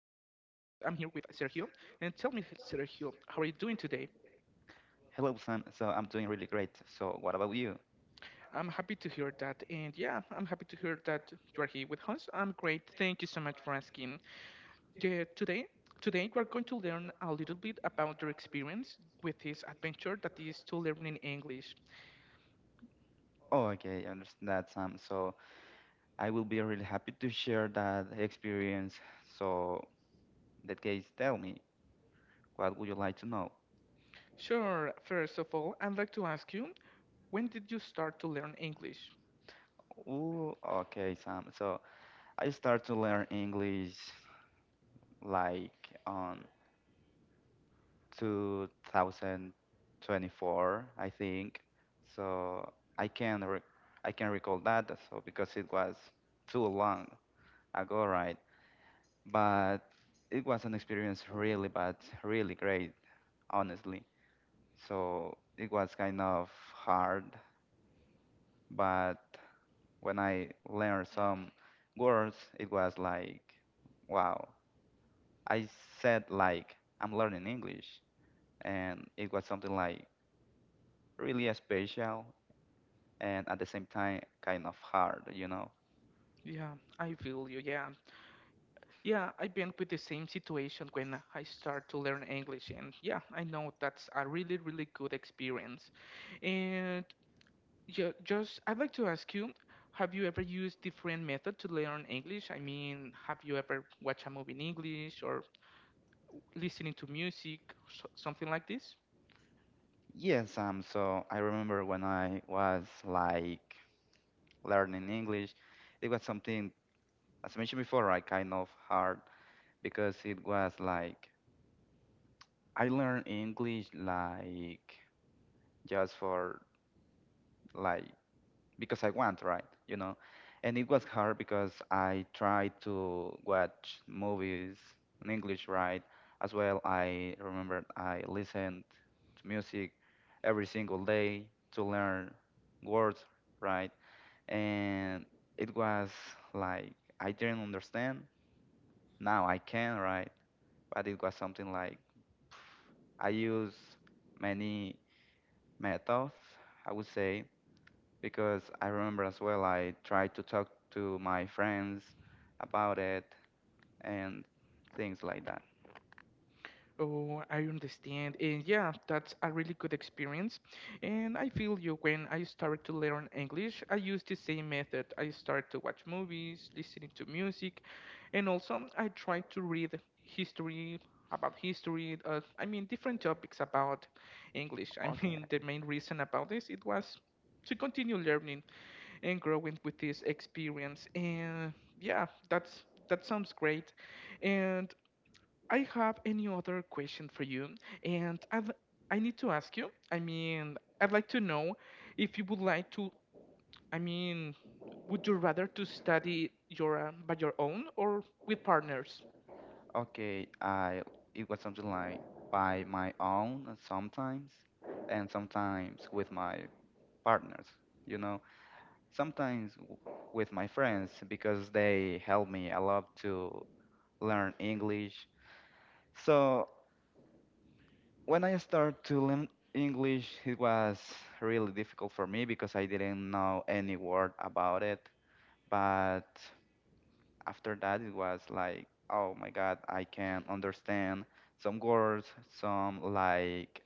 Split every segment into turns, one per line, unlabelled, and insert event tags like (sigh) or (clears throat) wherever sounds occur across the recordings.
me, Sergio, how are you doing today?
Hello, Sam. So I'm doing really great. So what about you?
I'm happy to hear that, and yeah, I'm happy to hear that you are here with us. I'm great, thank you so much for asking. The, today, today we are going to learn a little bit about your experience with this adventure that is to learning English.
Oh, okay, I understand that, Sam. So I will be really happy to share that experience. So in that case, tell me, what would you like to know?
Sure, first of all, I'd like to ask you, when did you start to learn English?
Oh, okay, Sam. So I started to learn English like on 2024, I think. So I can re I can recall that. So because it was too long ago, right? But it was an experience really great, honestly. So it was kind of hard, but when I learned some words, it was like, wow, I said like, I'm learning English, and it was something like really special, and at the same time kind of hard, you know
Yeah, I feel you. Yeah. Yeah, I've been with the same situation when I start to learn English, and yeah, I know that's a really really good experience. And yeah, just I'd like to ask you, have you ever used different method to learn English? I mean, have you ever watched a movie in English or listening to music, so, something like this?
yes So I remember when I was like learning English, it was something, as I mentioned before, I kind of hard because it was like I learned English like just for like because I want, right? And it was hard because I tried to watch movies in English, right? As well, I remember I listened to music every single day to learn words, right? And it was like I didn't understand. Now I can, right? But it was something like I use many methods, I would say, because I remember as well I tried to talk to my friends about it and things like that.
Oh, I understand. And yeah, that's a really good experience. And I feel you, when I started to learn English, I used the same method. I started to watch movies, listening to music, and also I tried to read history about history. I mean, different topics about English. (laughs) I
Okay,
mean, the main reason about this, it was to continue learning and growing with this experience. And yeah, that sounds great. And I have any other question for you, and I need to ask you. I mean, I'd like to know if you would like to. I mean, would you rather to study your by your own or with partners?
okay, I it was something like by my own sometimes, and sometimes with my partners. You know, sometimes with my friends because they help me a lot to learn English. So when I started to learn English, it was really difficult for me because I didn't know any word about it. But after that, it was like, oh my God, I can understand some words, some like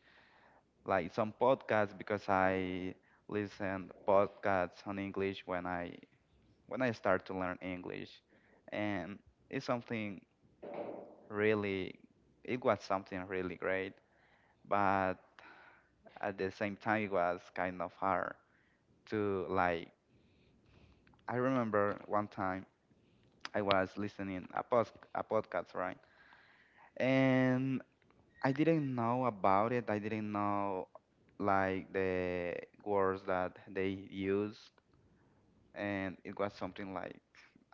like some podcasts because I listened podcasts on English when I start to learn English, and it's something really it was something really great. But at the same time it was kind of hard to I remember one time I was listening a podcast, right? And I didn't know about it, I didn't know like the words that they use, and it was something like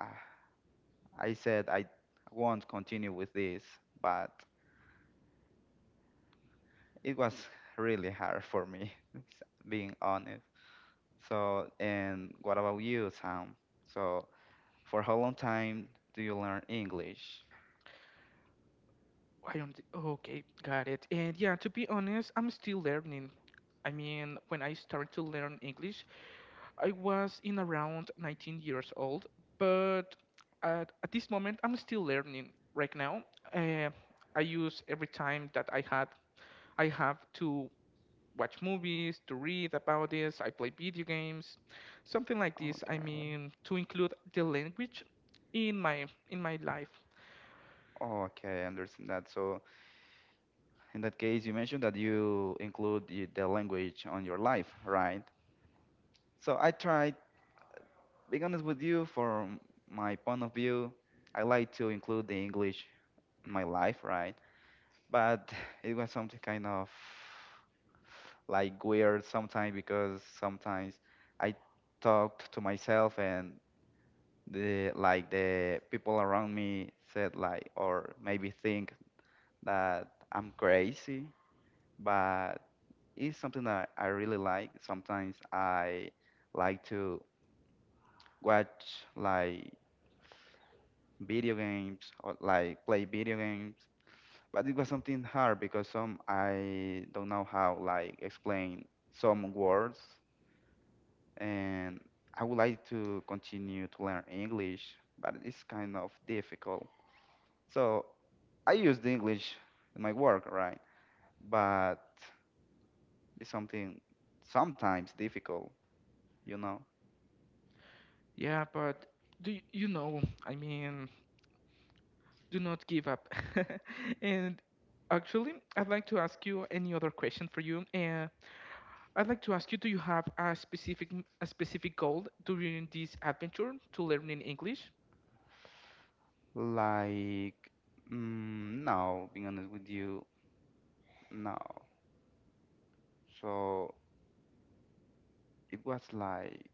ah, I said, I won't continue with this, but it was really hard for me (laughs) being honest. And what about you, Sam? So For how long time do you learn English?
I don't. Okay, got it. And yeah, to be honest, I'm still learning. I mean, when I started to learn English, I was in around 19 years old, but at this moment, I'm still learning right now. Uh, I use every time that I have to watch movies, to read about this, I play video games, something like this. I
Okay.
mean, to include the language in my life.
Okay, I understand that. So in that case, you mentioned that you include the language on your life, right? So I tried, being honest with you, from my point of view, I like to include the English in my life, right? But (sighs) it was something kind of like weird sometimes because sometimes I talked to myself and the like the people around me said like or maybe think that I'm crazy, but it's something that I really like. Sometimes I like to watch like video games or like play video games, but it was something hard because some I don't know how like explain some words, and I would like to continue to learn English, but it's kind of difficult. So I use the English in my work, right? But it's something sometimes difficult, you know?
Yeah, but do y- you know, I mean, do not give up. (laughs) And actually, I'd like to ask you any other question for you. I'd like to ask you, do you have a specific goal during this adventure to learning English?
Like, no, being honest with you, no. So it was like,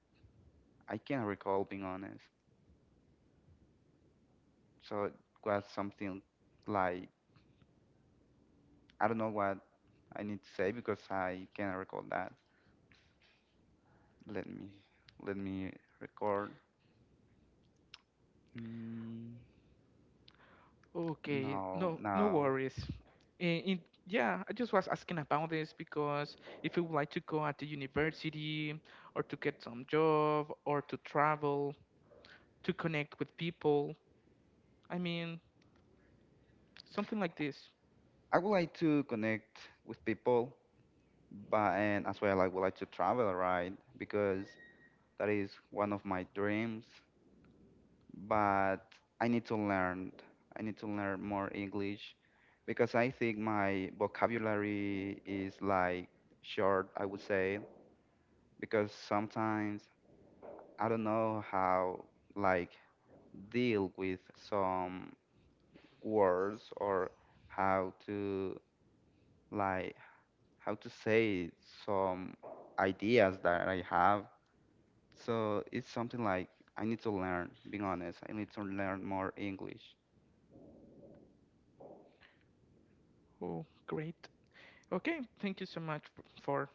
I can't recall being honest. So it was something like, I don't know what I need to say because I can't recall that. Let me, let me record. Mm,
Okay,
no,
no, no
no.
worries. In, in, yeah, I just was asking about this because if you would like to go at the university or to get some job or to travel, to connect with people, I mean, something like this.
I would like to connect with people. But and as well, I like, would like to travel, right? Because that is one of my dreams. But I need to learn. I need to learn more English because I think my vocabulary is like short, I would say, because sometimes I don't know how like deal with some words or how to like how to say some ideas that I have. So it's something like I need to learn, being honest. I need to learn more English.
Oh, great. Okay, thank you so much for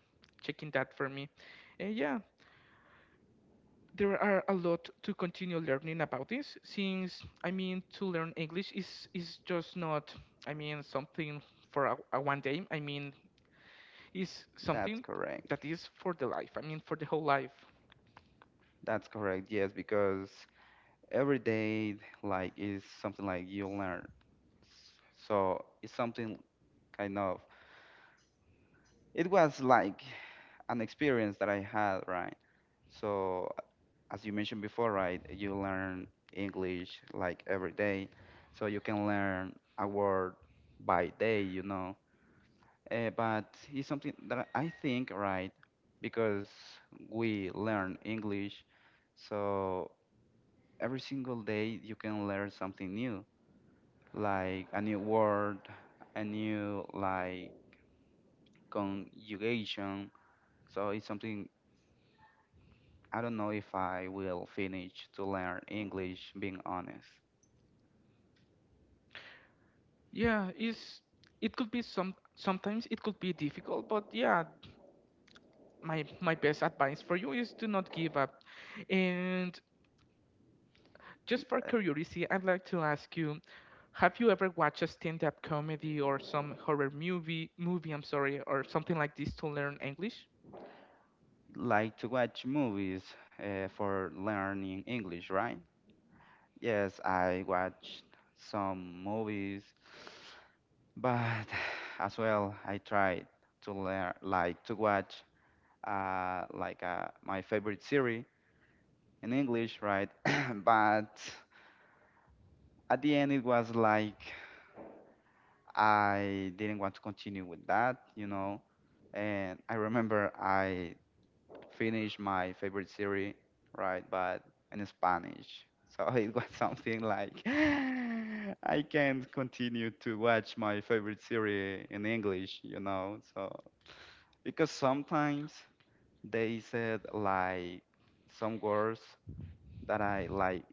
checking that for me. Yeah, there are a lot to continue learning about this since, I mean, to learn English is just not, I mean, something for a one day. I mean, is
That's
something
correct.
that is for the life. I mean, for the whole life.
That's correct. Yes, because every day like is something like you learn. So it's something kind of it was like an experience that I had, right? So as you mentioned before, right, you learn English like every day. So you can learn a word by day, you know. But it's something that I think, right, because we learn English, so every single day you can learn something new, like a new word, a new like conjugation. So it's something I don't know if I will finish to learn English, being honest.
Yeah, is it could be sometimes it could be difficult, but yeah, my best advice for you is to not give up. And just for
Uh,
curiosity, I'd like to ask you, have you ever watched a stand-up comedy or some horror movie, I'm sorry, or something like this to learn English?
Like to watch movies for learning English, right? Yes, I watched some movies. But (sighs) as well, I tried to learn, like to watch, like my favorite series in English, right? (coughs) (clears throat) But at the end, it was like I didn't want to continue with that, you know. And I remember I finished my favorite series, right? But in Spanish, so (laughs) it was something like (laughs) I can't continue to watch my favorite series in English, you know. So because sometimes they said like some words that I like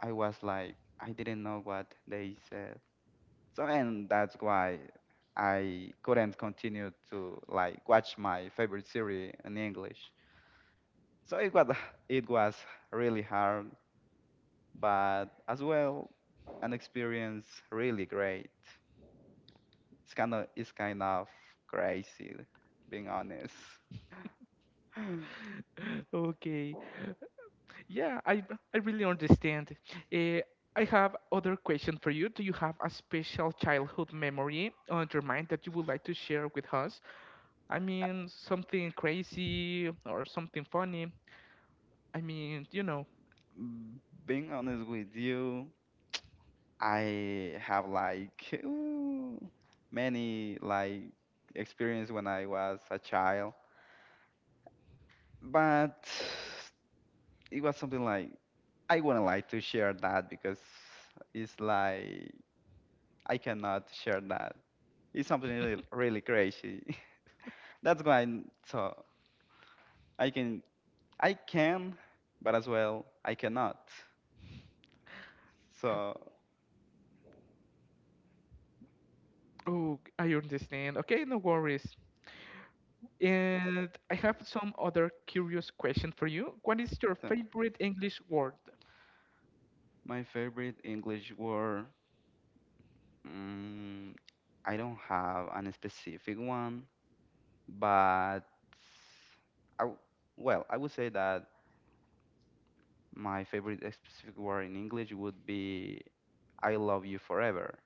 I was like I didn't know what they said. So and that's why I couldn't continue to like watch my favorite series in English. So it was (laughs) it was really hard, but as well an experience really great. It's kind of crazy being honest. (gasps)
(laughs) Okay. Yeah, I really understand. Eh, I have other question for you. Do you have a special childhood memory on your mind that you would like to share with us? I mean, something crazy or something funny. I mean.
Mm, Being honest with you, I have like many like experience when I was a child, but it was something like I wouldn't like to share that because it's like I cannot share that. It's something really, really crazy. (laughs) That's why I can I can, but as well I cannot. So,
Oh, I understand. Okay, no worries. And I have some other curious question for you. What is your
so
favorite English word?
my favorite English word. Mm, I don't have an specific one, but I w well, I would say that my favorite specific word in English would be I love you forever.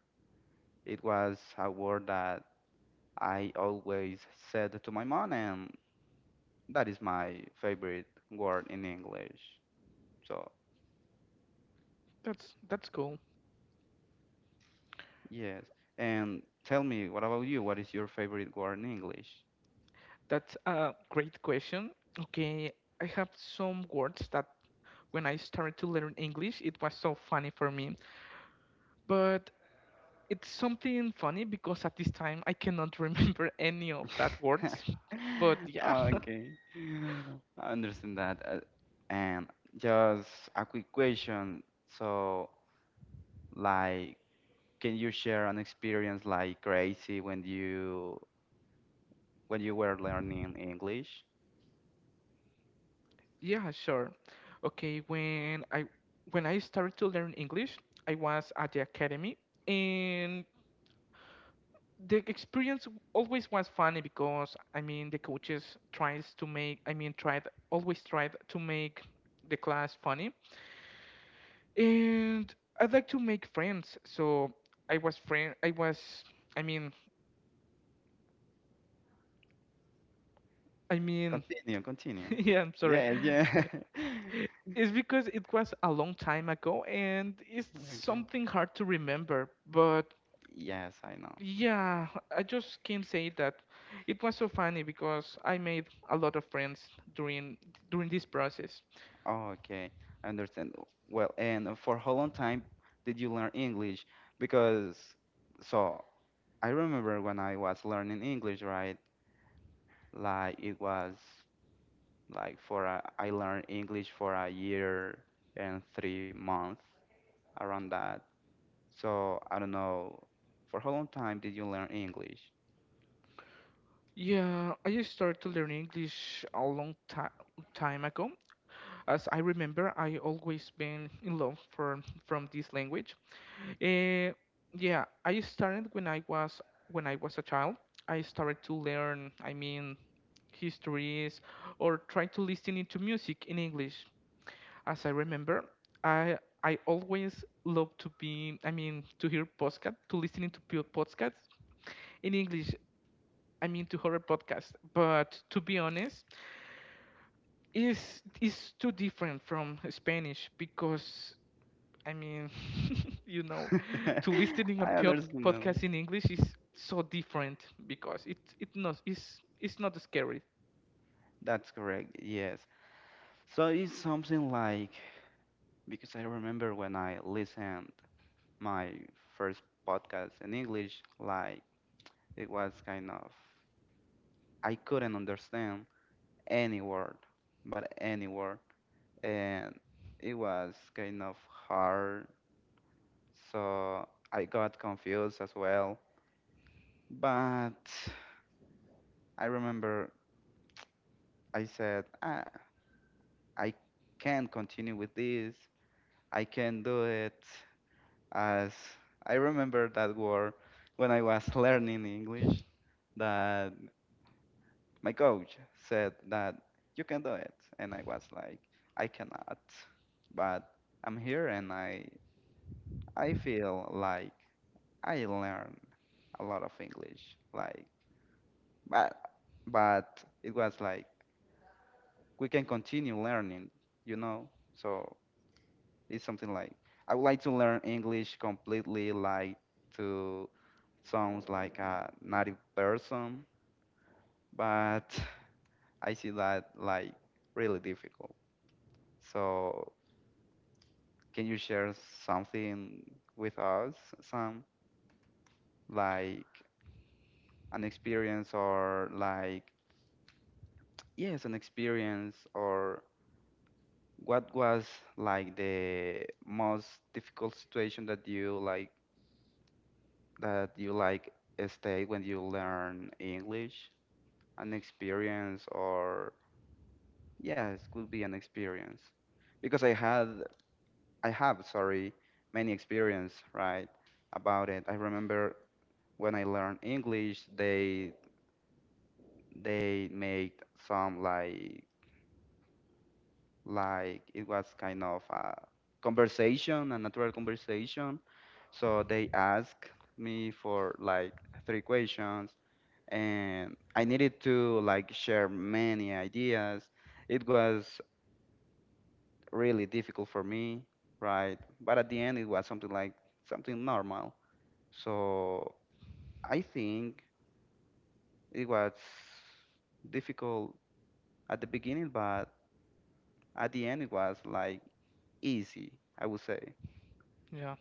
It was a word that I always said to my mom, and that is my favorite word in English. So,
That's cool.
yes. And tell me, what about you? What is your favorite word in English?
That's a great question. Okay, I have some words that when I started to learn English, it was so funny for me. But it's something funny because at this time I cannot (laughs) remember any of that words.
(laughs)
But yeah,
Okay, I understand that. And just a quick question. So, like, can you share an experience like crazy when you were learning English?
(laughs) yeah, sure. Okay, when I started to learn English, I was at the academy, and the experience always was funny because I mean the coaches tries to make I mean tried always tried to make the class funny, and I like to make friends. So I was friend. I was. I mean. I mean.
Continue,
(laughs)
continue.
Yeah. I'm sorry.
Yes, yeah.
(laughs)
(laughs)
It's because it was a long time ago, and it's something hard to remember. But
Yes, I know.
yeah, I just can say that it was so funny because I made a lot of friends during during this process.
Oh, okay, I understand. Well, and for how long time did you learn English? Because, so I remember when I was learning English, right? Like it was like for I learned English for a year and 3 months around that. So I don't know. For how long time did you learn English?
Yeah, I just started to learn English a long time ago. As I remember, I always been in love for from this language. Eh, yeah, I started when I was a child. I started to learn, I mean, histories or try to listen into music in English. As I remember, I I always love to be, I mean, to hear podcast, to listening to podcasts in English. I mean, to horror podcast. But to be honest, is too different from Spanish because I mean, (laughs) you know, (laughs)
(laughs)
to listen in a
I
pod-
understand that.
podcast in English is so different because it's not scary.
That's correct. Yes. So it's something like because I remember when I listened my first podcast in English, like it was kind of I couldn't understand any word, but any word. And it was kind of hard, so I got confused as well. But I remember I said, ah, I can't continue with this, I can't do it. As I remember that word when I was (laughs) learning English, that my coach said that you can do it, and I was like, I cannot, but I'm here and I feel like I learned a lot of English, like, but it was like we can continue learning, you know. So it's something like I would like to learn English completely, like to sounds like a native person, but (sighs) I see that like really difficult. So can you share something with us, Sam, like an experience or like Yes, an experience or what was like the most difficult situation that you like stayed when you learn English? An experience or yes, could be an experience. Because I have, sorry, many experience, right, about it. I remember when I learned English, they made some like it was kind of a conversation, a natural conversation. So they asked me for like 3 questions, and I needed to like share many ideas. It was really difficult for me, right? But at the end, it was something like something normal. So I think it was difficult at the beginning, but at the end, it was like easy, I would say.
Yeah,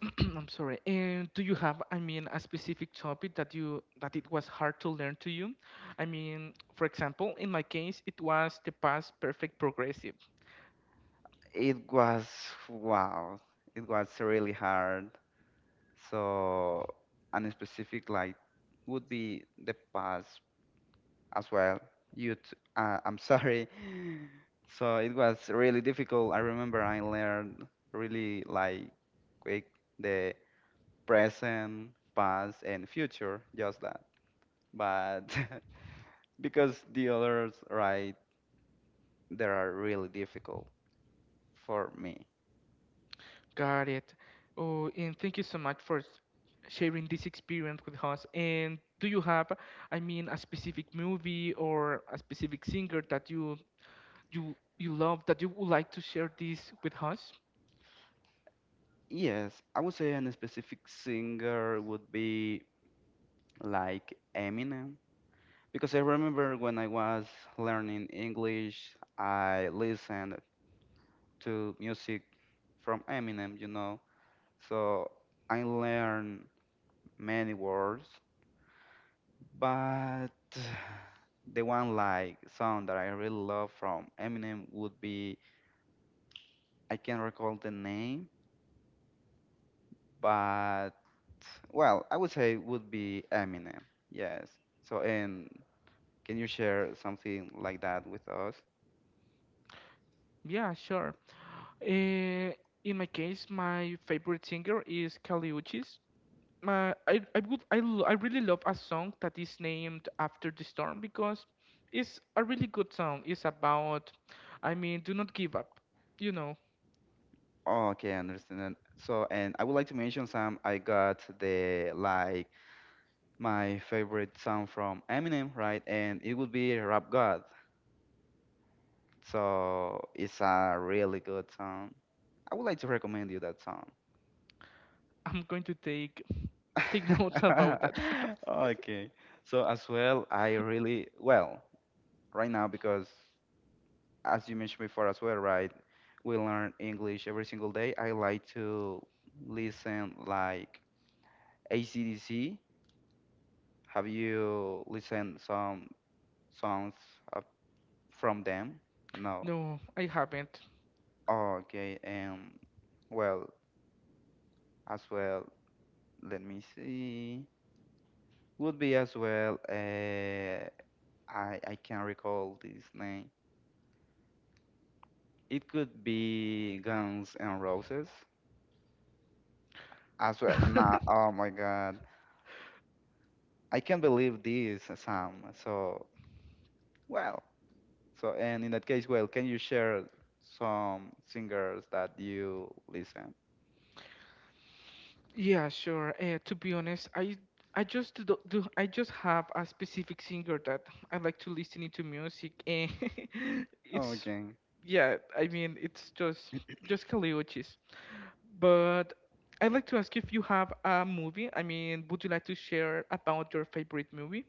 (clears throat) I'm sorry. And do you have, I mean, a specific topic that it was hard to learn to you? I mean, for example, in my case, it was the past perfect progressive.
It was wow. It was really hard. So, and specific like would be the past as well. You, I'm sorry. (laughs) So it was really difficult. I remember I learned really like quick the present, past, and future, just that. But (laughs) because the others, right, they are really difficult for me.
Got it. Oh, and thank you so much for sharing this experience with us. And do you have, I mean, a specific movie or a specific singer that you love that you would like to share this with us?
Yes, I would say a specific singer would be like Eminem. Because I remember when I was learning English, I listened to music from Eminem, you know. So I learned many words, but (sighs) the one like song that I really love from Eminem would be I can't recall the name, but well, I would say would be Eminem. Yes. So, and can you share something like that with us?
Yeah, sure. Uh, in my case, my favorite singer is Kali Uchis. My I would I, lo- I really love a song that is named after the storm because it's a really good song. It's about, I mean, do not give up. You know,
Oh, okay, I understand. And I would like to mention some. I got the like my favorite song from Eminem, right? And it would be Rap God. So it's a really good song. I would like to recommend you that song.
(laughs) I'm going to take (laughs) notes about that.
(laughs)
(laughs)
Okay. So as well, I really well right now because as you mentioned before as well, right? We learn English every single day. I like to listen like ACDC. Have you listened some songs uh, from them? No.
No, I haven't.
Oh, okay. Well, as well. Let me see. Would be as well. I can't recall this name. It could be Guns and Roses as well. Nah. Oh
(laughs)
my God. I can't believe this, Sam. So, well, so and in that case, well, can you share some singers that you listen?
Yeah, sure. To be honest, I just do, do I just have a specific singer that I like to listen to music, and (laughs) it's
Okay.
yeah. I mean, it's just Caliochis. But I'd like to ask if you have a movie. I mean, would you like to share about your favorite movie?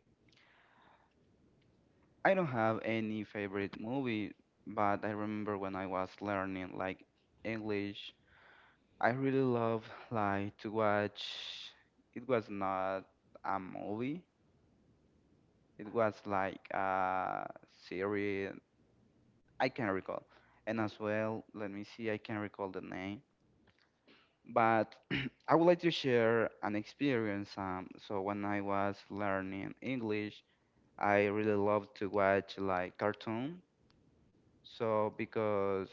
I don't have any favorite movie, but I remember when I was learning like English, I really love like to watch. It was not a movie. It was like a series. I can't recall. And as well, let me see. I can't recall the name. But (clears throat) I would like to share an experience. So when I was learning English, I really loved to watch like cartoon. So because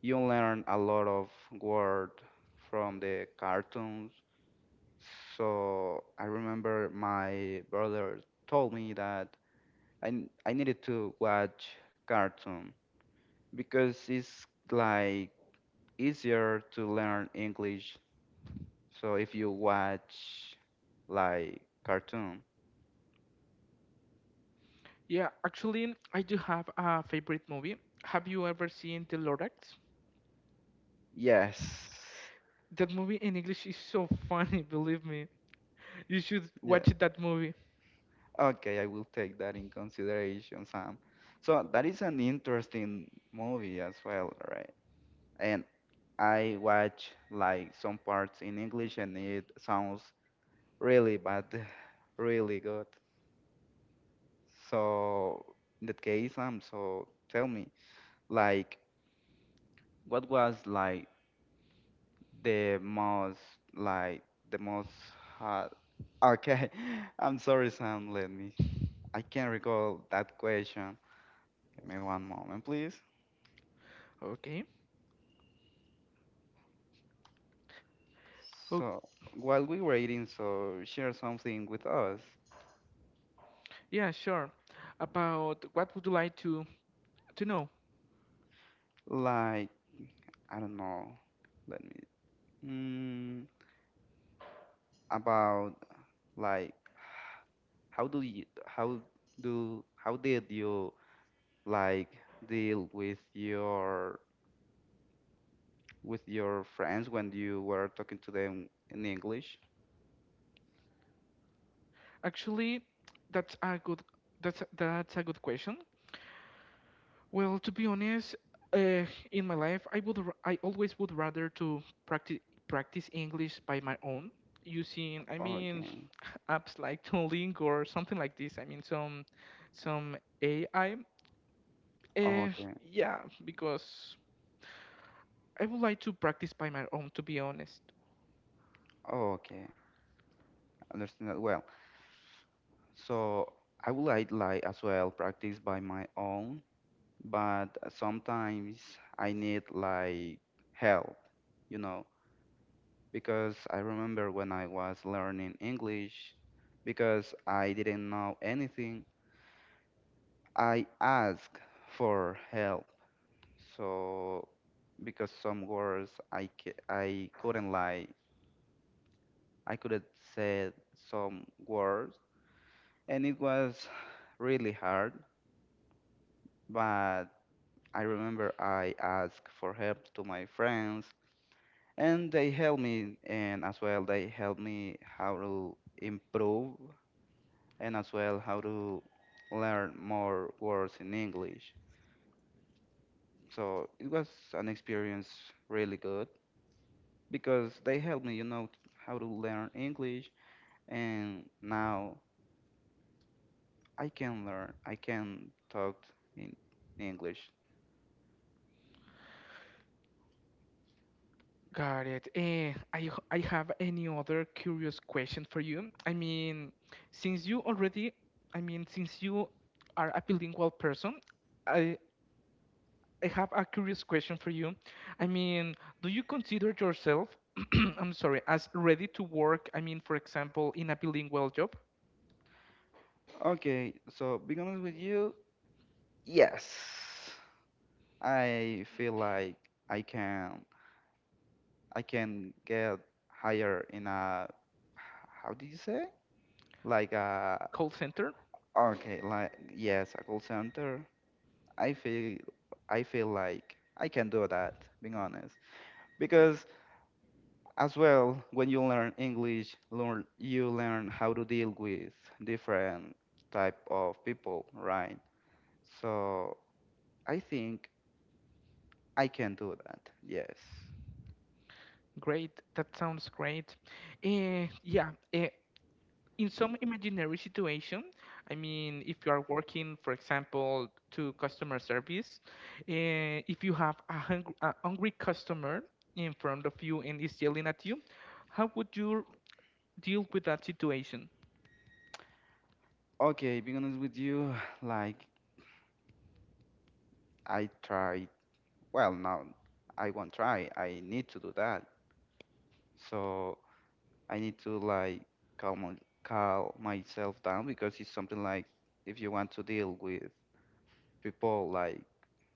you learn a lot of word from the cartoons. So I remember my brother told me that I needed to watch cartoon because it's like easier to learn English. So if you watch like cartoon,
Yeah, actually, I do have a favorite movie. Have you ever seen The Lorax?
yes,
That movie in English is so funny, (laughs) believe me. You should
yeah,
watch that movie.
okay, I will take that in consideration, Sam. So that is an interesting movie as well, right? And I watch like some parts in English, and it sounds really bad, (laughs) (sighs) really good. So in that case, Sam, so tell me, like, what was the most like the most hard okay (laughs) I'm sorry, Sam, let me I can't recall that question. Give me one moment, please.
Okay.
So while we were eating, so share something with us,
Yeah, sure. About what would you like to know?
like I don't know, let me mm, about like how do you how do how did you like deal with your friends when you were talking to them in English?
Actually, that's a good that's a good question. Well, to be honest, in my life, I always would rather to practice English by my own using I mean
Okay.
(laughs) apps like Duolingo or something like this. I mean some AI. Uh,
Okay.
yeah, because I would like to practice by my own, to be honest.
Okay. Understand that well. So I would like as well practice by my own, but sometimes I need like help, you know, because I remember when I was learning English, because I didn't know anything, I asked for help. So because some words I couldn't like I couldn't say some words, and it was really hard. But I remember I asked for help to my friends, and they helped me, and as well they helped me how to improve, and as well how to learn more words in English. So it was an experience really good because they helped me, you know, how to learn English, and now I can learn. I can talk in English.
Got it. I have any other curious question for you. I mean, since you already, I mean, since you are a bilingual person, I I have a curious question for you. I mean, do you consider yourself, (clears throat) I'm sorry, as ready to work? I mean, for example, in a bilingual job,
Okay, so being honest with you, yes, I feel like I can I can get higher in a how did you say? Like a
call center?
okay, like yes, a call center. I feel I feel like I can do that. Being honest, because as well, when you learn English, learn you learn how to deal with different type of people, right? So I think I can do that. Yes.
Great, that sounds great. Yeah. In some imaginary situation, I mean, if you are working, for example, to customer service, if you have a hungry customer in front of you and is yelling at you, how would you deal with that situation?
Okay, being honest with you, like I tried. Well, now I won't try. I need to do that. So I need to like calm my- calm myself down because it's something like if you want to deal with people like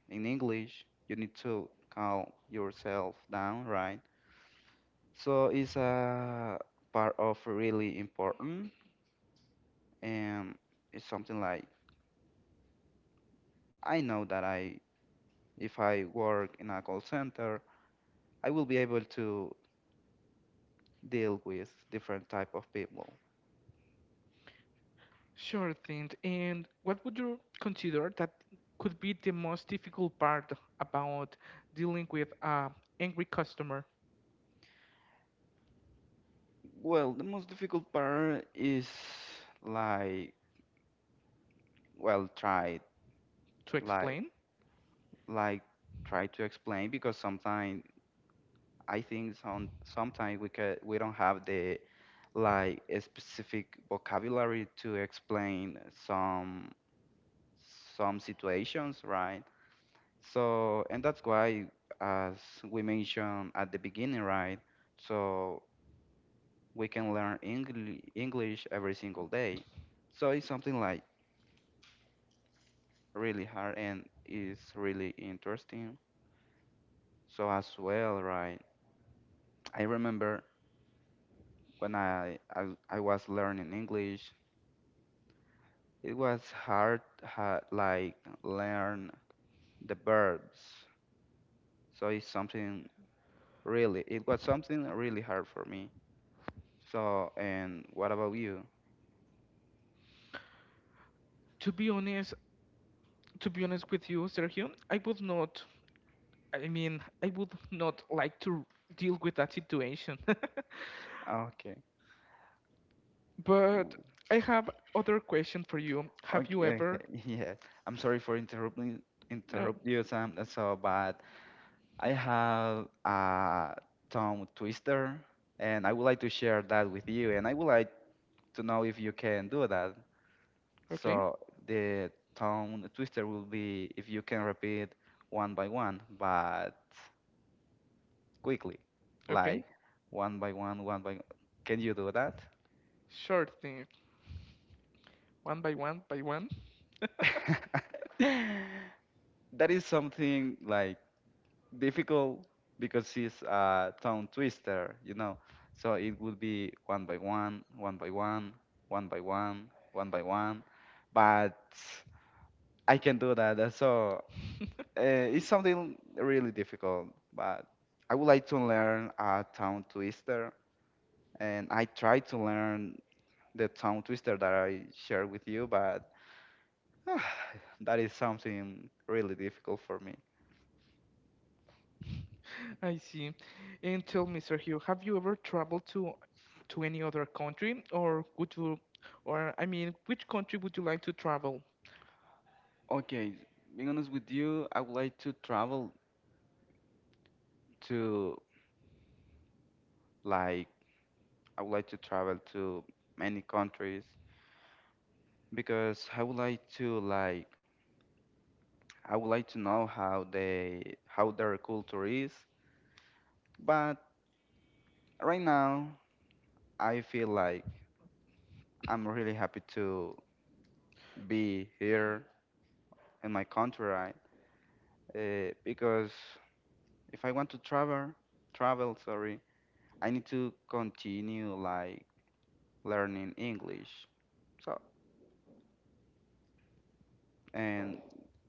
in English, you need to calm yourself down, right? So it's a part of really important, and it's something like I know that I, if I work in a call center, I will be able to deal with different type of people.
Sure thing. And what would you consider that could be the most difficult part about dealing with a angry customer
Well, the most difficult part is like, well, try
to
like
explain?
like try to explain because sometimes I think some sometimes we can we don't have the like a specific vocabulary to explain some some situations, right? So, and that's why, as we mentioned at the beginning, right? So we can learn Engli English every single day. So it's something like really hard and it's really interesting. So as well, right? I remember when I was learning English, it was hard, ha like learn the verbs. So it's something really, it was something really hard for me. So, and what about you?
To be honest, to be honest with you, Sergio, I would not like to deal with that situation. (laughs)
Okay.
But I have other question for you. Have you
Okay,
ever?
okay. (laughs) Yes. I'm sorry for
No.
interrupt you, Sam. That's so bad. I have a tongue twister and I would like to share that with you and I would like to know if you can do that.
Okay.
So the tongue twister will be if you can repeat one by one, but quickly,
Okay.
like one by one, one by Can you do that?
Sure thing. One by one by one.
(laughs) That is something like difficult because it's a tongue twister, you know. So it would be one by one, one by one, one by one, one by one. But I can do that. So uh, it's something really difficult. But I would like to learn a tongue twister, and I try to learn the tongue twister that I shared with you, but (sighs) that is something really difficult for me.
(laughs) I see. And tell me, Sergio, have you ever traveled to any other country, or I mean, which country would you like to travel?
Okay, being honest with you, I would like to travel to like, I would like to travel to many countries because I would like to like I would like to know how they how their culture is. But right now, I feel like I'm really happy to be here in my country, right? Because if I want to travel, travel, sorry, I need to continue like learning English. So, and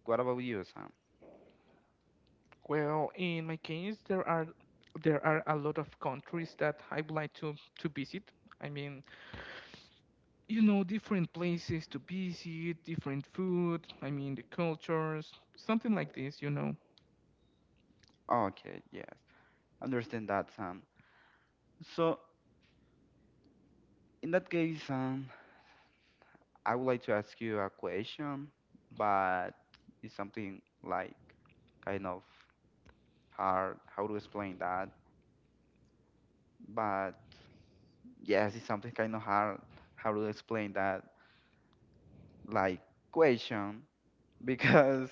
what about you, Sam?
Well, in my case, there are a lot of countries that I would like to visit. I mean, different places to visit, different food, I mean, the cultures, something like this.
Okay, yes, understand that, Sam. So, in that case, Sam, I would like to ask you a question, but it's something like kind of hard. How to explain that? But yes, it's something kind of hard. How to explain that? Like question (laughs) because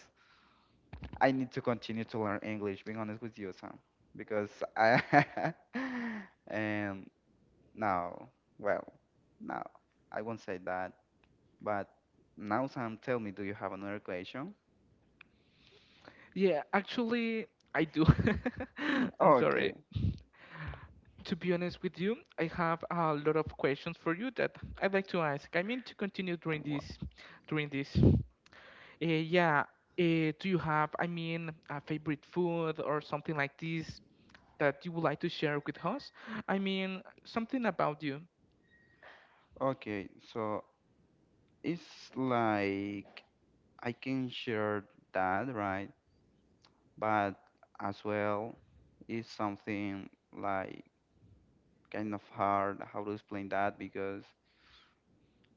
I need to continue to learn English, being honest with you, Sam, because I (laughs) and now, well, now I won't say that, but now, Sam, tell me, do you have another question?
Yeah, actually, I do. (laughs) I'm
Okay.
sorry. To be honest with you, I have a lot of questions for you that I'd like to ask. I mean, to continue during
Wha-
this, during this. Yeah, do you have, I mean, a favorite food or something like this that you would like to share with us? I mean, something about you.
Okay, so it's like I can share that, right? But as well, it's something like kind of hard how to explain that because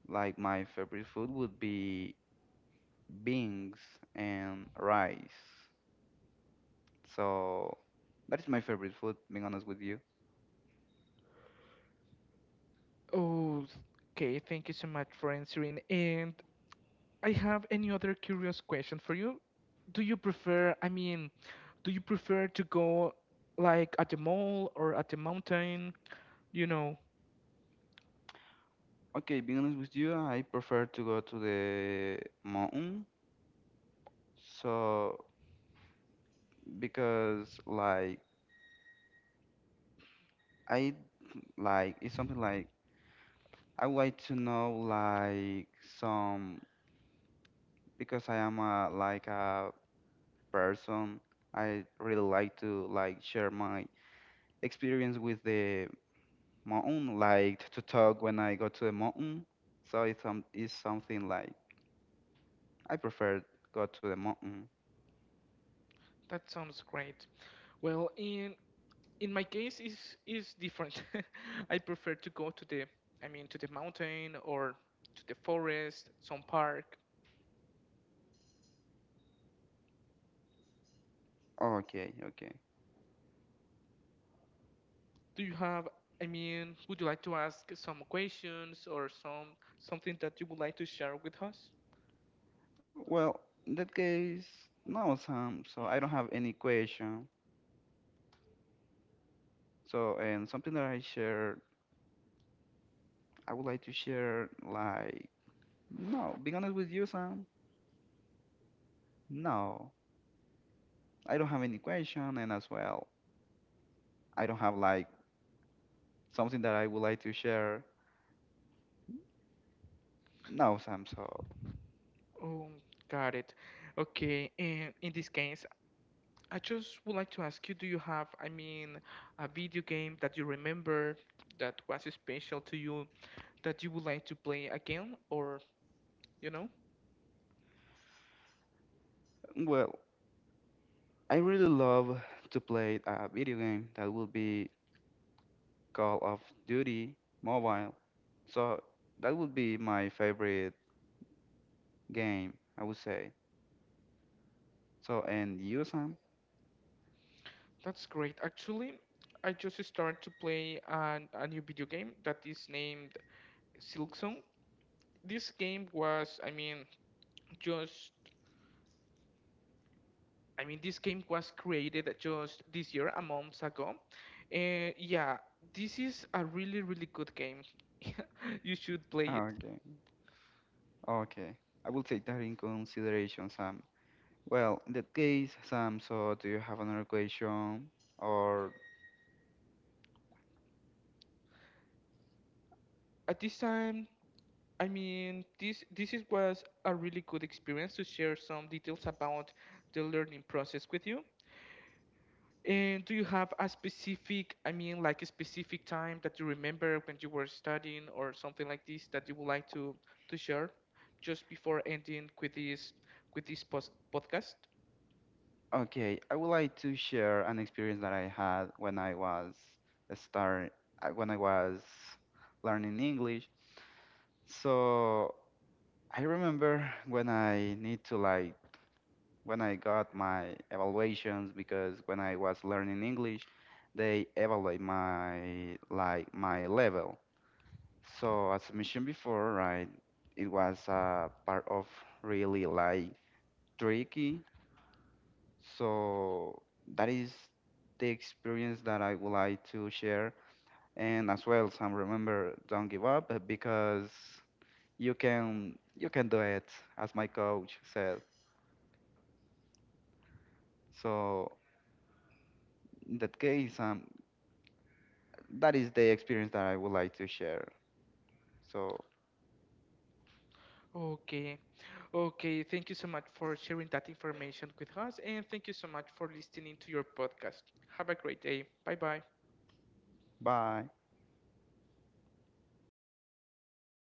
like my favorite food would be beans and rice. So that is my favorite food, being honest with you.
Oh, okay. Thank you so much for answering. And I have any other curious question for you. Do you prefer, I mean, do you prefer to go like at the mall or at the mountain? You know,
Okay, being honest with you, I prefer to go to the mountain. So because like I like it's something like I would like to know like some because I am a like a person I really like to like share my experience with the mountain liked to talk when I go to the mountain, so it's some it's something like I prefer go to the mountain.
that sounds great. Well, in my case is different. (laughs) I prefer to go to the, I mean, to the mountain or to the forest, some park.
Okay, okay.
Do you have, I mean, would you like to ask some questions or something that you would like to share with us?
Well, in that case, no, Sam. So I don't have any question. So and something that I shared, I would like to share like no, being honest with you, Sam. No, I don't have any question, and as well, I don't have like something that I would like to share. No, Sam. So
Oh, got it. Okay, and in this case, I just would like to ask you, do you have, I mean, a video game that you remember that was special to you that you would like to play again, or you know?
well, I really love to play a video game that will be Call of Duty Mobile. So that would be my favorite game, I would say. So and you, Sam?
That's great. Actually, I just started to play a new video game that is named Silksong. This game was, I mean, just I mean, this game was created just this year, a month ago. And yeah, this is a really, really good game. (laughs) You should play it.
Okay, okay. I will take that in consideration, Sam. Well, in that case, Sam. So do you have another question? Or
At this time, I mean, this was a really good experience to share some details about the learning process with you. And do you have a specific, I mean, like a specific time that you remember when you were studying or something like this that you would like to share just before ending with this podcast?
okay, I would like to share an experience that I had when I was start when I was learning English. So I remember when I need to like when I got my evaluations because when I was learning English, they evaluate my like my level. So as I mentioned before, right, it was a part of really like tricky. So that is the experience that I would like to share. And as well, some remember don't give up because you can do it, as my coach said. So in that case, that is the experience that I would like to share. So
Okay, okay. Thank you so much for sharing that information with us, and thank you so much for listening to your podcast. Have a great day. Bye bye.
bye.